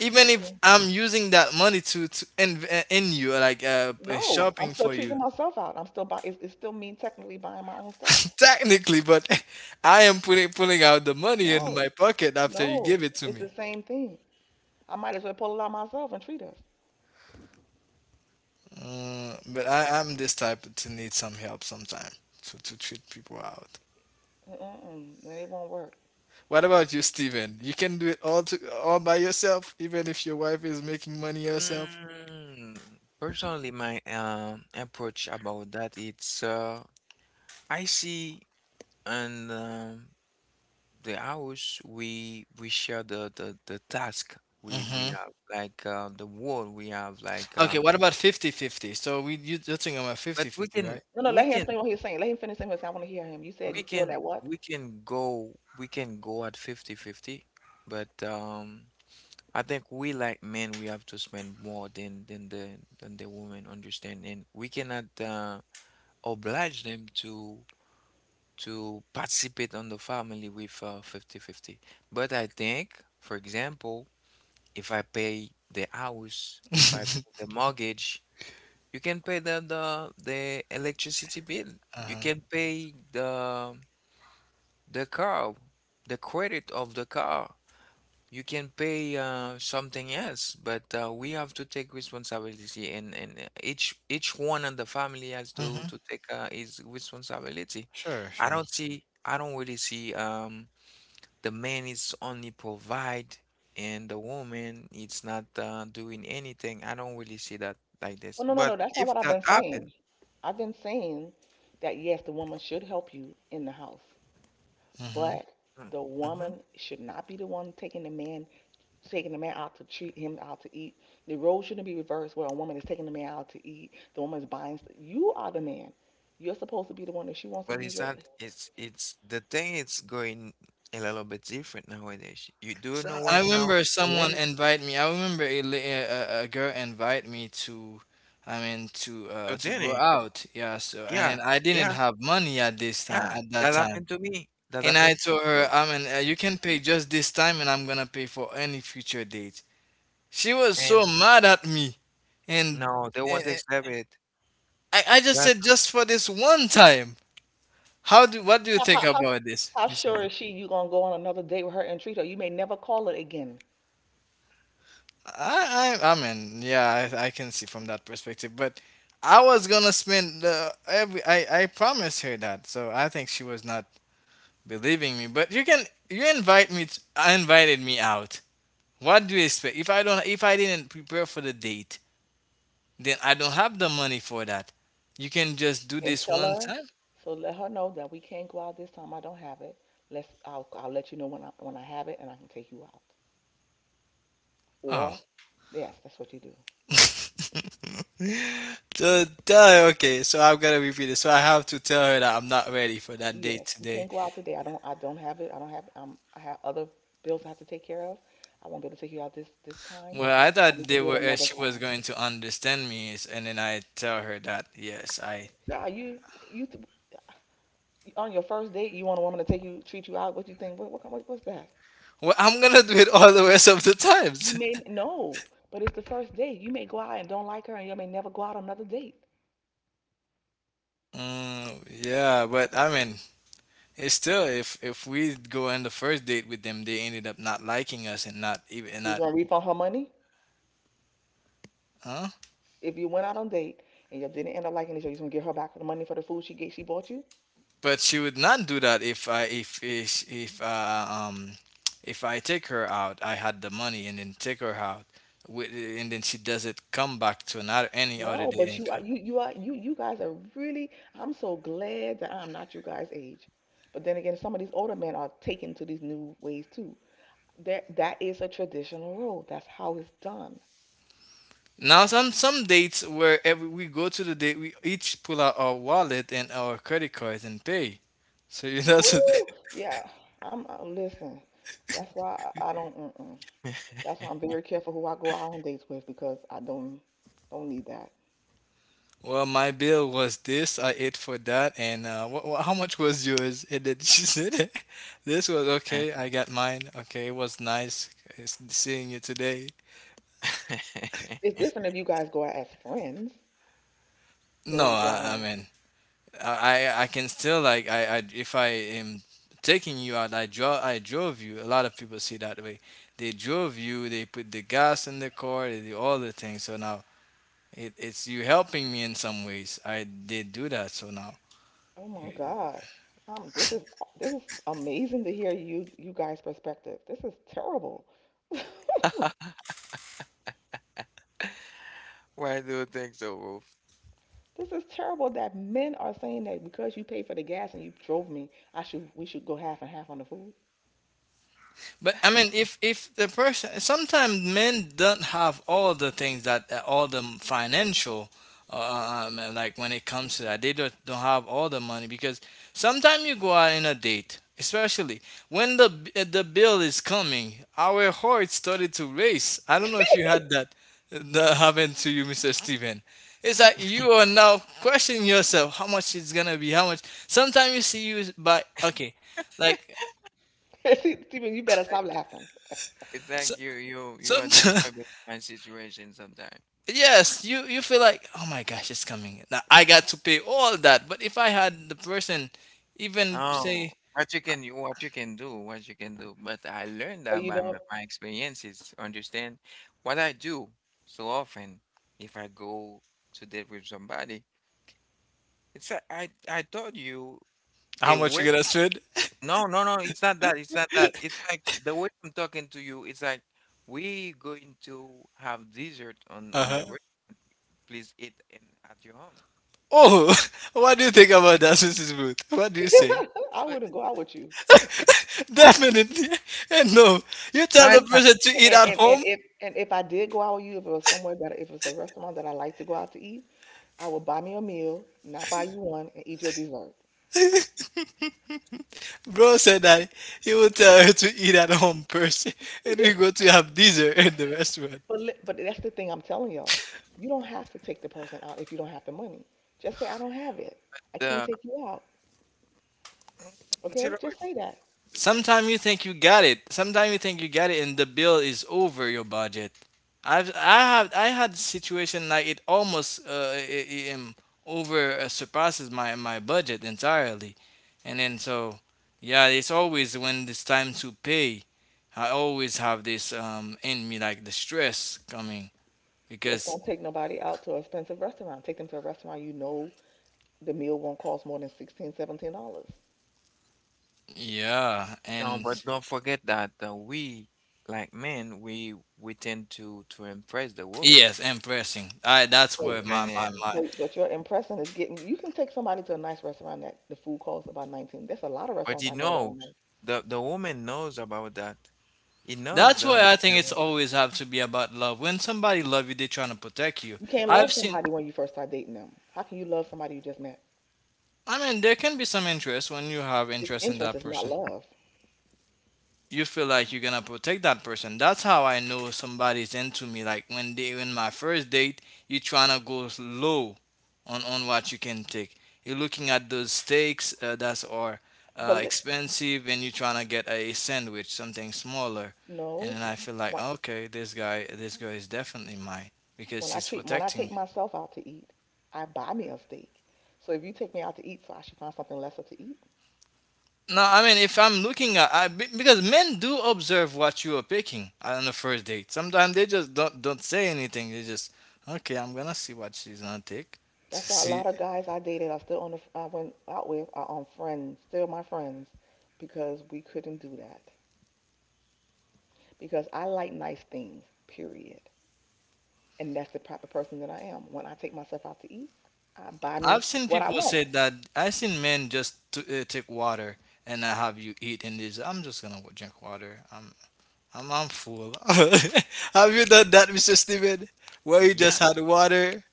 Even if I'm using that money to in you, No, I'm shopping still for you. treating myself out. I'm still buy. It's still me technically buying my own stuff. *laughs* Technically, but I am putting pulling out the money in No, my pocket after you no, give it to it's me. the same thing. I might as well pull it out myself and treat us. Mm, but I'm this type to need some help sometime to treat people out. Mm-mm, it won't work. What about you, Steven? You can do it all to all by yourself, even if your wife is making money herself. Mm, personally, my approach about that, it's I see. And the house, we share the task. We Hmm have like the wall, we have like Okay, what about 50/50? So we You, you're talking about fifty but we fifty, can right? No, no, we let him can explain what he's saying. Let him finish saying what he's saying. I want to hear him. You said we you feel can that what? We can go at 50/50, but I think we, like men, we have to spend more than than the women, understand. And we cannot oblige them to participate on the family with 50/50. But I think, for example, if I pay the house, if I pay the mortgage, you can pay the electricity bill. You Uh-huh. can pay the car, the credit of the car. You can pay something else, but we have to take responsibility, and each one in the family has to Mm-hmm. to take his responsibility. Sure, I sure. don't see, I don't really see the man is only provide and the woman it's not doing anything. I don't really see that like Oh, this. no, no, But no. That's not if what I've that been saying. happen, I've been saying that yes, the woman should help you in the house, but mm, the mhm. woman should not be the one taking the man out to treat him out to eat. The role shouldn't be reversed where a woman is taking the man out to eat, the woman is buying you are the man. You're supposed to be the one that she wants to But use it's your not, it's the thing, it's going a little bit different nowadays. You do So know, I right now, remember the someone lady invite me. I remember a, la- a girl invite me to, I mean to to go dinner. out. Yeah. So and Yeah, then I didn't yeah, have money at this time yeah. at That that time, happened to me. That and I happened told her, too. You can pay just this time, and I'm gonna pay for any future date. She was And so mad at me, and no, they uh, won't accept it. I just That- said just for this one time. How do what do you how think how how, about this, how Mrs. sure is she you gonna go on another date with her and treat her? You may never call it again. I mean, yeah, I can see from that perspective. But I was gonna spend the every. I promised her that, so I think she was not believing me. But you can, you invite me. To, I invited me out. What do you expect? If I don't, if I didn't prepare for the date, then I don't have the money for that. You can just do And this tell one her, time. so let her know that we can't go out this time. I don't have it. Let's I'll let you know when I have it and I can take you out. Oh. Or yes, that's what you do. *laughs* So tell her, okay, so I've got to repeat it. So I have to tell her that I'm not ready for that date Yes, we today. can't go out today. I don't. I don't have it. I don't have. I have other bills I have to take care of. I won't be able to take you out this time. Well, I We thought can they do it were another she was time. going to understand me, and then I tell her that yes, I Child, you on your first date, you want a woman to take you treat you out. What you think? What's that? well, I'm gonna do it all the rest of the You times. may *laughs* no, but it's the first date. You may go out and don't like her, and you may never go out on another date. Mm, yeah, but I mean, it's still if we go on the first date with them, they ended up not liking us and not even and You're not gonna refund her money huh? if you went out on date and you didn't end up liking each other. You're gonna give her back the money for the food she bought you. But she would not do that if I take her out, I had the money and then take her out, with, and then she doesn't come back to another any other No, but day. you you guys are really I'm so glad that I'm not you guys' age. But then again, some of these older men are taken to these new ways too. There that is a traditional role. That's how it's done. Now some dates where every we go to the date we each pull out our wallet and our credit cards and pay. So you know, so, Ooh, yeah. I'm listen. That's why I don't mm-mm. That's why I'm very careful who I go out on dates with because I don't need that. *laughs* well my bill was this, I ate for that, and how much was yours? And then she *laughs* said, "This was okay. I got mine. Okay, it was nice seeing you today." It's *laughs* different if you guys go out as friends than No, when you go out I on a mean I can still like I if I am taking you out I drove you a lot of people see that way they drove you they put the gas in the car they do all the things so now it, it's you helping me in some ways I did do that so now Oh my you God. Um, this is this is amazing to hear you you guys' perspective. This is terrible. *laughs* Why do you think so, Wolf? This is terrible that men are saying that because you paid for the gas and you drove me, I should we should go half and half on the food. But I mean, if the person, sometimes men don't have all the things that all the financial, like when it comes to that, they don't have all the money because sometimes you go out in a date, especially when the bill is coming, our heart started to race. I don't *laughs* know if you had that that happened to you, Mr. Steven. It's like you are now questioning yourself how much it's gonna be, how much. Sometimes you see you by okay, like See, Stephen, you better Like, stop laughing. it's so, like you are some describing *laughs* my situation sometimes. yes you you feel like oh my gosh it's coming now I got to pay all that but if I had the person even say Oh, what you can, what you can do, what you can do. But I learned Or that you by know, my, my experiences. Understand what I do so often. If I go to date with somebody, it's like I told you how a much way. you gonna spend No, no, no. It's not that. It's not that. It's like the way I'm talking to you. It's like we going to have dessert *laughs* on the uh-huh road. Please eat in at your home. oh *laughs* what do you think about that mrs booth what do you But say *laughs* I but wouldn't go out with you. *laughs* definitely *laughs* and no you tell why the not? person to eat And, at and home if and if I did go out with you, if it was somewhere better, if it's a restaurant that I like to go out to eat, I would buy me a meal, not buy you one, and eat your dessert. bro said that he will tell her to eat at home first *laughs* and we *laughs* go to have dessert in the restaurant But but that's the thing I'm telling y'all. You don't have to take the person out if you don't have the money. Just say I don't have it. I can't Uh, take you out. *clears throat* you know. Okay? Just say that. Sometimes you think you got it. Sometimes you think you got it, and the bill is over your budget. I've I have I had situation like it almost over surpasses my my budget entirely, and then so yeah, it's always when it's time to pay, I always have this in me like the stress coming Just because don't take nobody out to an expensive restaurant. Take them to a restaurant you know the meal won't cost more than 16, $17. yeah No, and but don't forget that we, like men, we tend to impress the woman. yes, and pressing. I that's where Wait, Understand? my And but your impression is getting. You can take somebody to a nice restaurant that the food costs about 19. There's a lot of but restaurants he I know that are knows, nice. the woman knows about that. He knows. That's why I the think it's wo- always have to be about love. When somebody love you, they are trying to protect you. You can't I've love seen. somebody when you first start dating them. How can you love somebody you just met? I mean, there can be some interest when you have It's interest in interest, that it's not person. love. You feel like you're gonna protect that person. That's how I know somebody's into me. Like when they when my first date, you trying to go low on what you can take. You're looking at those steaks that are But li- expensive, and you're trying to get a sandwich, something smaller. And no. then I feel like Wha- okay, this guy, this girl is definitely mine because When I she's treat when I protecting take me. myself out to eat, I buy me a steak. So if you take me out to eat, so I should find something lesser to eat. No, I mean, if I'm looking at, I, because men do observe what you are picking on the first date. Sometimes they just don't say anything. They just, okay, I'm gonna see what she's gonna take to *laughs* That's why a see. lot of guys I went out with are on friends, still my friends, because we couldn't do that. Because I like nice things, period. And that's the type of person that I am. When I take myself out to eat, I buy me I've seen what I people want. say that. I've seen men just take water and I have you eat, and this. I'm just gonna go drink water. I'm full. *laughs* Have you done that, Mr. Steven? Where you yeah, just had water?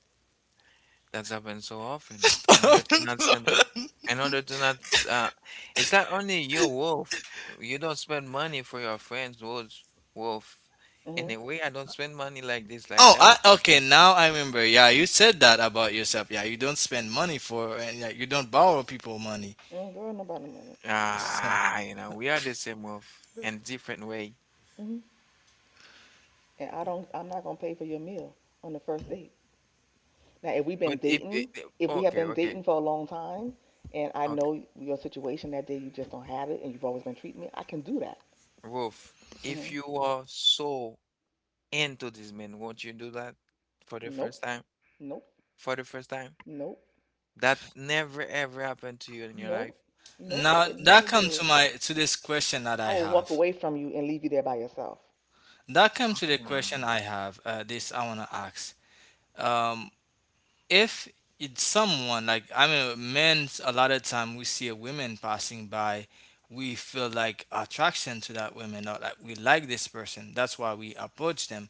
that's happened so often. In order to not spend, the- *laughs* in order to not, uh, it's not only your wolf. You don't spend money for your friends' wolves, wolf. In a Mhm. way, I don't spend money like this, like Oh, that. Okay. Now I remember. Yeah, you said that about yourself. Yeah, you don't spend money for, and yeah, you don't borrow people money. Mm, girl, nobody money. So, Ah, you know, we are the same wolf in different way. Mhm. And I don't. I'm not gonna pay for your meal on the first date. Now, But if it, if we have okay, been okay, dating for a long time, and I okay, know your situation that day, you just don't have it, and you've always been treating me, I can do that. Wolf, if Hmm you are so into this man, won't you do that for the first Nope, time? nope, For the first time? nope, That never ever happened to you in your nope, life. nope. I now would that never comes do to it. my to this question that I I will walk have. away from you and leave you there by yourself. That comes to the question Mm. I have. This I wanna ask. Um, if it's someone like I mean, men a lot of time we see a woman passing by, we feel like attraction to that woman or like we like this person. That's why we approach them.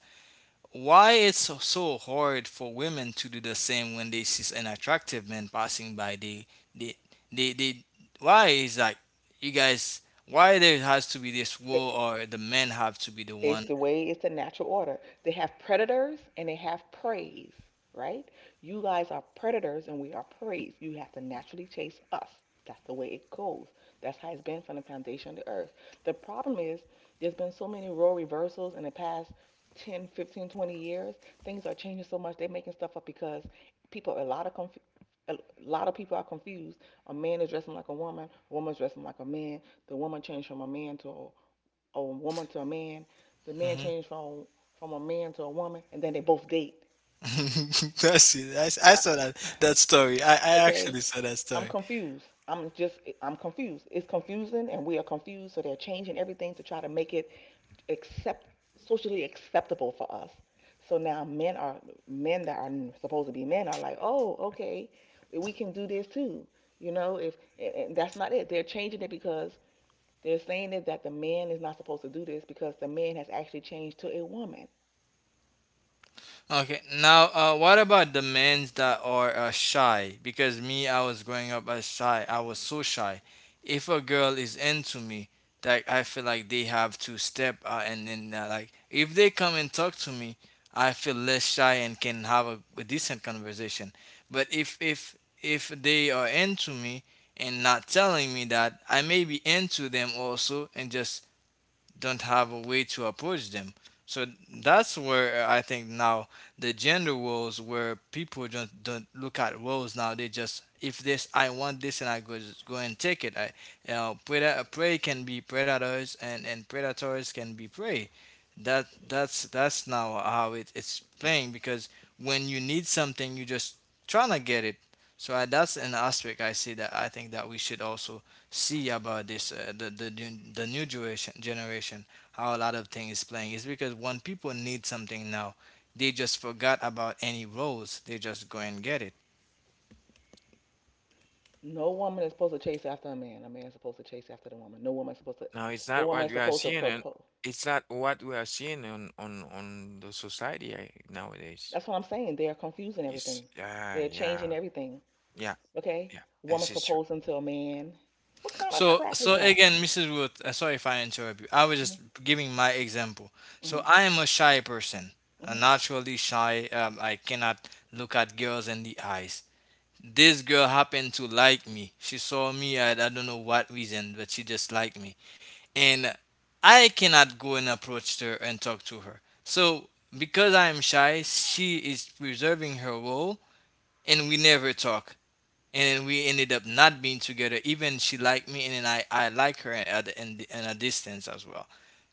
Why it's so hard for women to do the same when they see an attractive man passing by? They they why is like you guys why there has to be this Th- war or the men have to be the It's one? the way it's the natural order. They have predators and they have praise, right? You guys are predators and we are praise. You have to naturally chase us. That's the way it goes. That's how it's been from the foundation of the earth. The problem is there's been so many role reversals in the past 10, 15, 20 years. Things are changing so much. They're making stuff up because people a lot of conf- a lot of people are confused. A man is dressing like a woman, a woman's dressing like a man. The woman changed from a man to or a woman to a man. The man Hmm changed from a man to a woman, and then they both date. *laughs* That's it. I I, saw that story. I okay, actually saw that I'm story. confused. I'm confused. It's confusing, and we are confused. So they're changing everything to try to make it accept socially acceptable for us. So now men that are supposed to be men are like, oh, okay, we can do this too. You know, if and and that's not it. They're changing it because they're saying that, the man is not supposed to do this because the man has actually changed to a woman. Okay, now what about the men that are shy? Because me, I was growing up as shy. I was so shy. If a girl is into me, that I feel like they have to step and then like if they come and talk to me, I feel less shy and can have a decent conversation. But if they are into me and not telling me that, I may be into them also and just don't have a way to approach them. So that's where I think now the gender roles where people don't look at roles now. They just if this I want this and I go just go and take it. I you know, predator, prey can be predators and predators can be prey. That's now how it, it's playing because when you need something you just trying to get it. So I, that's an aspect I see that I think that we should also see about this the the new generation how a lot of things is playing is because when people need something now they just forgot about any rules. They just go and get it. No woman is supposed to chase after a man. A man is supposed to chase after the woman. No woman is supposed to. Now it's The not woman what is we are supposed to seeing, and propose. it's not what we are seeing on on the society nowadays. That's what I'm saying. They are confusing Yes, everything. yeah, They're yeah, changing everything. yeah, Okay, yeah. woman This is proposing to a man. What kind of So crap so is that? again Mrs. Ruth, sorry if I interrupt you, I was just giving my example. So Mm-hmm. I am a shy person, hmm naturally shy. I cannot look at girls in the eyes. This girl happened to like me. She saw me. I don't know what reason but she just liked me, and I cannot go and approach her and talk to her. So because I am shy, she is preserving her role, and we never talk. And then we ended up not being together. Even she liked me, and then I like her at in a distance as well.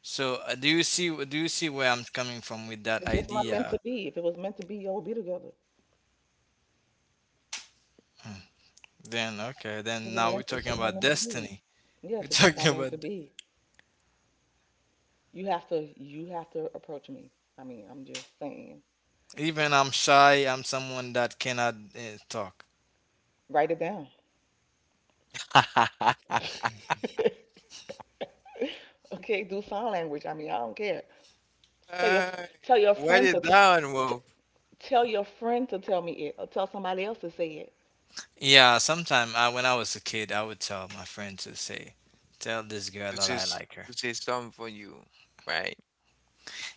So do you see where I'm coming from with that It's just not meant to idea? be. If it was meant to be, y'all would be together. Then okay, then now we're It's talking just not about meant to be. destiny. We're *laughs* Yes, it's just talking not meant to about be. You have to approach me. I mean, I'm just saying. even I'm shy. I'm someone that cannot talk. Write it down. true. *laughs* *laughs* Okay, do sign language. I mean, I don't care. Tell your f- Hey, tell your write friend to it t- down, t- Wolf. Tell your friend to tell me it, or tell somebody else to say it. Yeah, sometimes when I was a kid, I would tell my friend to say, "Tell this girl This that I is, like her." this is something for you, right?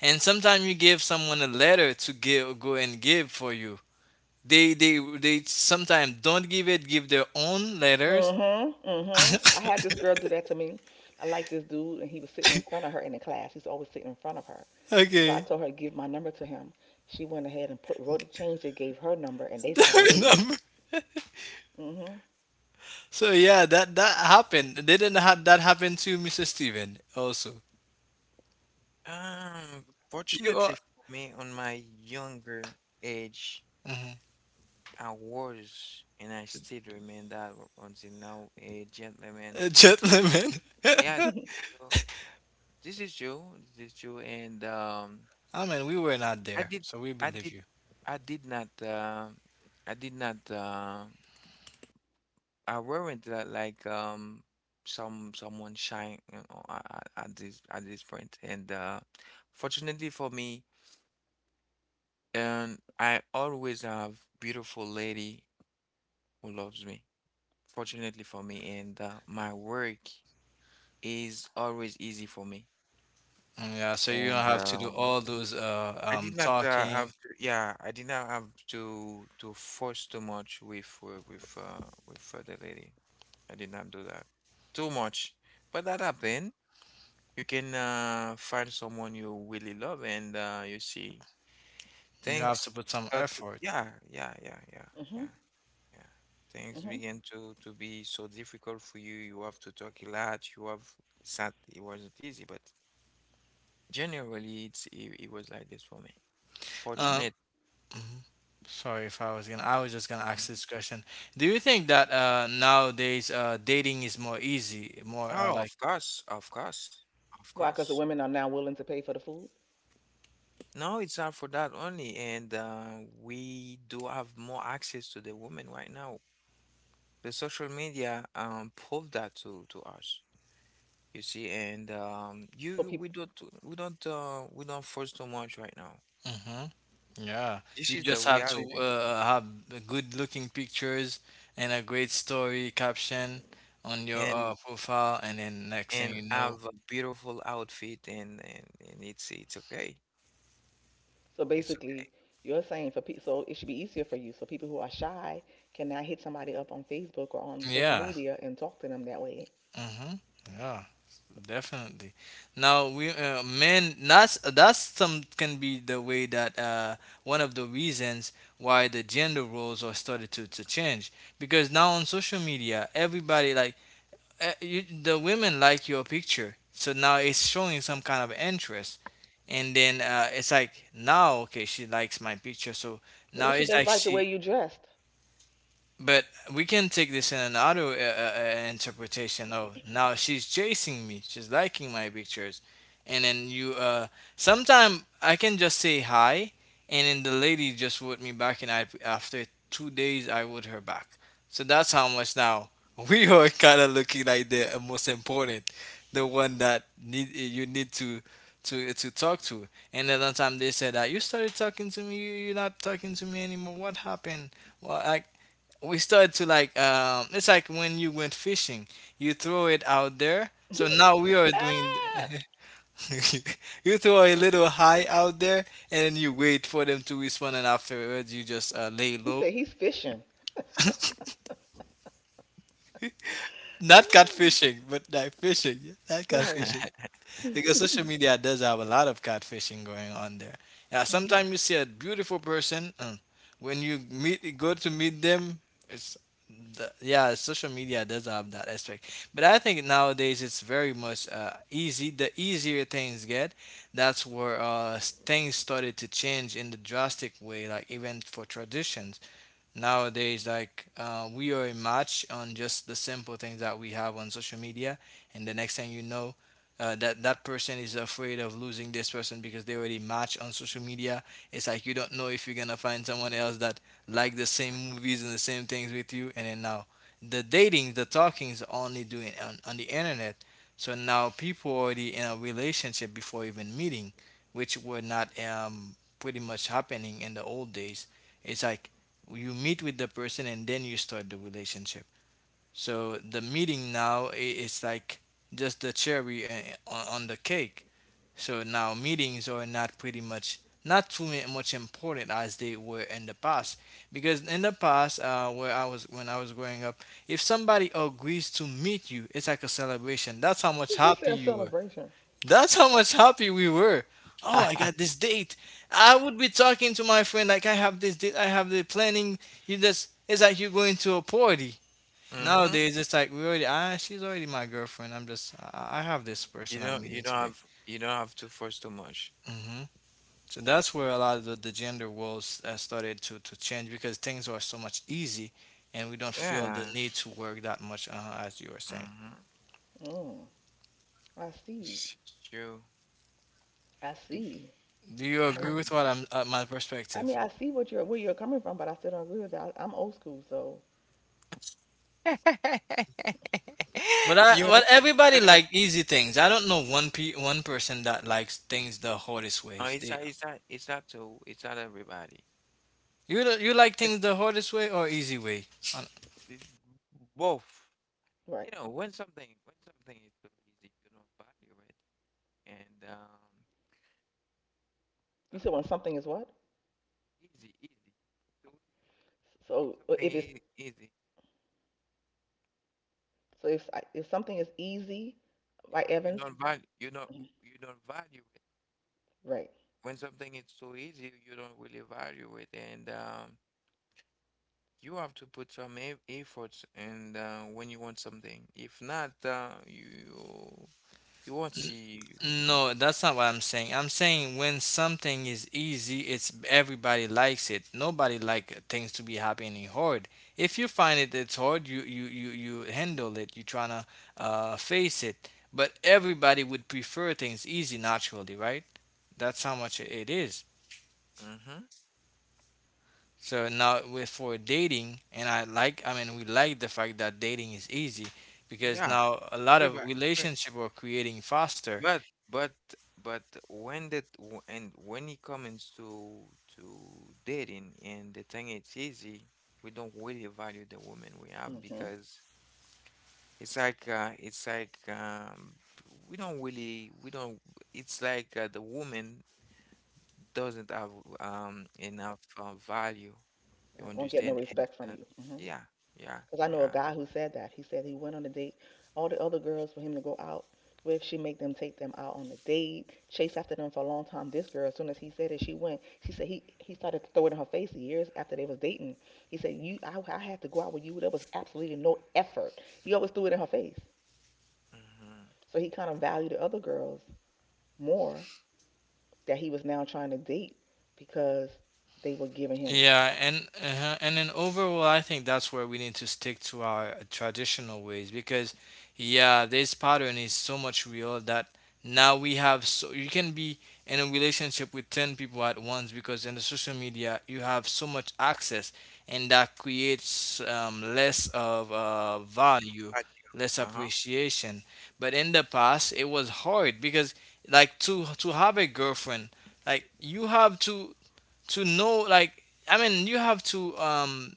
And sometimes you give someone a letter to give, go and give for you. They sometimes don't give it. Give their own letters. Mhm, mhm. I had *laughs* this girl do that to me. I like this dude, and he was sitting in front of her in the class. He's always sitting in front of her. So I Okay. told her to give my number to him. She went ahead and put wrote a change that gave her number, and they *laughs* Their started dating. number. Mhm, So yeah, that happened. Didn't ha- That happen to Mr. Steven also? Um, You Fortunately are for me, on my younger age, I was and I still remain that until now a gentleman. a gentleman. Yeah, this *laughs* is *laughs* true. This is true. This is true. And I mean, we were not I there, did, so we I believe did, you. I did not, I did not, I weren't that like some, someone shy, you know, at this, at this point. And fortunately for me. And I always have beautiful lady who loves me, fortunately for me, and my work is always easy for me. Mm, yeah, so you don't And have to do all those I did not have talking. to, yeah, I did not have to force too much with the lady. I did not do that too much, but that happened. You can find someone you really love, and you see You have things to put some start. effort. Yeah, yeah, yeah, yeah, mhm, yeah. Yeah, things mhm, begin to be so difficult for you. You have to talk a lot. You have, it's not, it wasn't easy, but generally it's it, it was like this for me. mhm. Um, Fortunate. mhm. Sorry if I was gonna, I was just gonna ask Mhm. this question. Do you think that nowadays dating is more easy, more Oh, like, of course, of course, of Why? Because the course. women are now willing to pay for the food. No, it's not for that only, and we do have more access to the women right now. The social media proved that to us. You see, and So we people, don't, we don't we don't force too much right now. hmm yeah, This you is the just have to reality. Have good-looking pictures and a great story caption on your and profile, and then next thing and you know, have a beautiful outfit and it's okay. So It's basically, you're saying for people, so it should be easier for you. So people who are shy can now hit somebody up on Facebook or on social yeah, media and talk to them that way. mm-hmm. Yeah, definitely. Now we men that's some can be the way that one of the reasons why the gender roles are started to change because now on social media everybody like you, the women like your picture so now it's showing some kind of interest and then it's like now okay she likes my picture so What now if she it's just like liked the she way you dressed? but we can take this in another interpretation. Oh, now she's chasing me. She's liking my pictures, and then you. Sometime I can just say hi, and then the lady just wrote me back, and I after two days I wrote her back. So that's how much now *laughs* we are kind of looking like the most important, the one that need you need to talk to. And then one time they said that you started talking to me, you're not talking to me anymore. What happened? Well, I we start to like it's like when you went fishing you throw it out there so now we are doing *laughs* Ah! *laughs* you throw a little high out there and then you wait for them to respond and afterwards you just lay He low. said he's fishing. *sighs* Not Hmm, catfishing but like fishing. Not Right. okay. *laughs* catfishing because social media does have a lot of catfishing going on there. Yeah, Mhm. sometimes you see a beautiful person, and when you meet, go to meet them, it's the, yeah, social media does have that aspect. But I think nowadays it's very much easy. The easier things get, that's where things started to change in the drastic way, like even for traditions nowadays like we are a match on just the simple things that we have on social media and the next thing you know that that person is afraid of losing this person because they already match on social media. It's like you don't know if you're gonna find someone else that like the same movies and the same things with you and then now the dating the talking is only doing on the internet so now people already in a relationship before even meeting which were not pretty much happening in the old days. It's like you meet with the person and then you start the relationship so the meeting now is like just the cherry on the cake so now meetings are not pretty much not much important as they were in the past because in the past where I was when I was growing up if somebody agrees to meet you it's like a celebration. That's how much He happy said you were. celebration. That's how much happy we were. Oh, I got *laughs* this date. I would be talking to my friend like I have this date, I have the planning. You just it's like you're going to a party. hmm, Nowadays it's like we already ah she's already my girlfriend. I'm just I have this you person I'm don't, meeting you don't today. have, you don't have to force too much. Hmm So that's where a lot of the gender roles started to change because things are so much easy and we don't feel the Yeah, need to work that much as you were saying. mm-hmm. Mm, I see. It's true. I see. Do you agree Uh, with what I'm my I perspective? mean, I see what you're where you're coming from, but I still don't agree with that. I'm old school, so *laughs* But I, it's- you, but everybody like easy things. I don't know one person that likes things the hardest no, ways. it's They not, it's not, it's not to, it's not everybody. you don't- you like It- things the hardest way or easy way? Uh, it- Both. right. You know, when something, when something is so easy you don't value it. And You um said when something is what? Easy, easy, too easy. When So something if it's is easy, So if I- if something is easy, right, yeah, Evans? Mhm. you don't value it. Right. When something is so easy, you don't really value it, and you have to put some e efforts. And when you want something, if not, you, you won't n- see. No, that's not what I'm saying. I'm saying when something is easy, it's everybody likes it. Nobody like things to be happening hard. If you find it it's hard, you handle it. You trying to face it. But everybody would prefer things easy naturally, right? That's how much it is. Mm-hmm. So now with for dating, and I like, I mean, we like the fact that dating is easy because Yeah, now a lot of everybody. relationship are creating faster. But but but when that and when it comes to dating and the thing it's easy, we don't really value the women we have hmm because it's like we don't really, we don't, it's like the woman doesn't have enough value. You Right. Won't get no understand? And respect from you. Hmm yeah, yeah, Because I know a yeah. guy who said that. He said he went on a date. All the other girls for him to go out with, she make them take them out on a date, chase after them for a long time. This girl, as soon as he said it, she went. She said he started to throw it in her face years after they was dating. He said, "You, I had to go out with you. There was absolutely no effort. He always threw it in her face. Mm-hmm. So he kind of valued the other girls more that he was now trying to date because they were giving him. Yeah, and then overall, I think that's where we need to stick to our traditional ways because, yeah, this pattern is so much real that now we have so you can be in a relationship with 10 people at once because in the social media you have so much access and that creates less of value, Right. less Uh-huh. appreciation. But in the past, it was hard because like to have a girlfriend, like you have to know like I mean you have to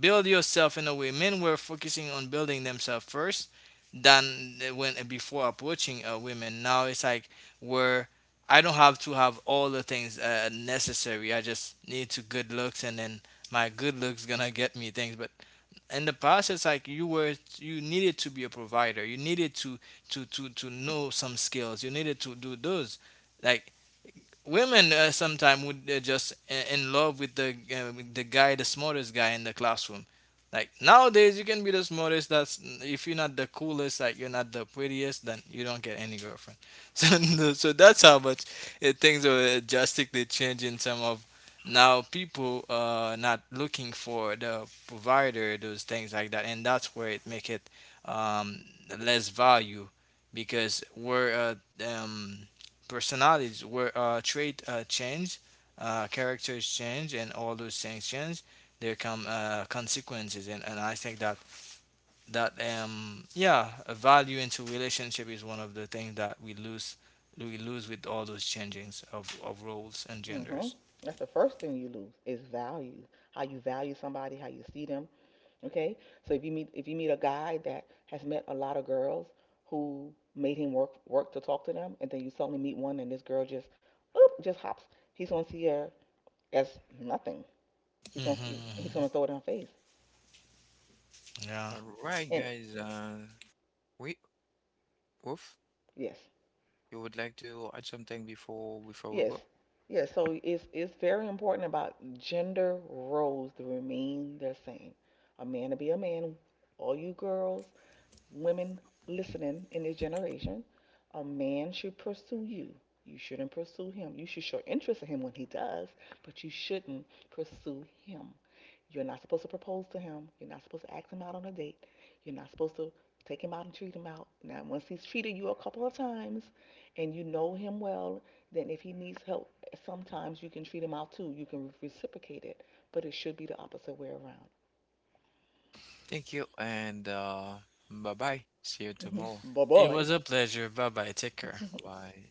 build yourself in a way men were focusing on building themselves first than they when before approaching women now it's like where I don't have to have all the things necessary I just need to good looks and then my good looks gonna get me things but in the past it's like you were you needed to be a provider you needed to to know some skills you needed to do those like women sometimes would just in love with the guy, the smartest guy in the classroom. Like nowadays, you can be the smartest. That's if you're not the coolest, like you're not the prettiest, then you don't get any girlfriend. *laughs* So, so that's how much things are drastically changing. Some of now people not looking for the provider, those things like that, and that's where it make it um less value because we're personalities were trait change, characters change, and all those things change. There come consequences, and I think that yeah, a value into relationship is one of the things that we lose with all those changings of roles and Hmm genders. That's the first thing you lose is value. How you value somebody, how you see them. Okay, so if you meet a guy that has met a lot of girls who made him work to talk to them, and then you suddenly meet one and this girl just oop, just hops, he's gonna see her as nothing. He's Hmm gonna throw it in her face. All Yeah, right, And guys. We oof. yes, You would like to add something before, before we Yes. go? Yes. So it's very important about gender roles to remain the same. A man to be a man. All you girls, women listening in this generation, a man should pursue you. You shouldn't pursue him. You should show interest in him when he does, but you shouldn't pursue him. You're not supposed to propose to him. You're not supposed to ask him out on a date. You're not supposed to take him out and treat him out. Now, once he's treated you a couple of times and you know him well, then if he needs help, sometimes you can treat him out too. You can reciprocate it, but it should be the opposite way around. Thank you, and bye bye. See you tomorrow. Bye it was bye. a pleasure. Bye bye. Take care. Bye. *laughs* Bye.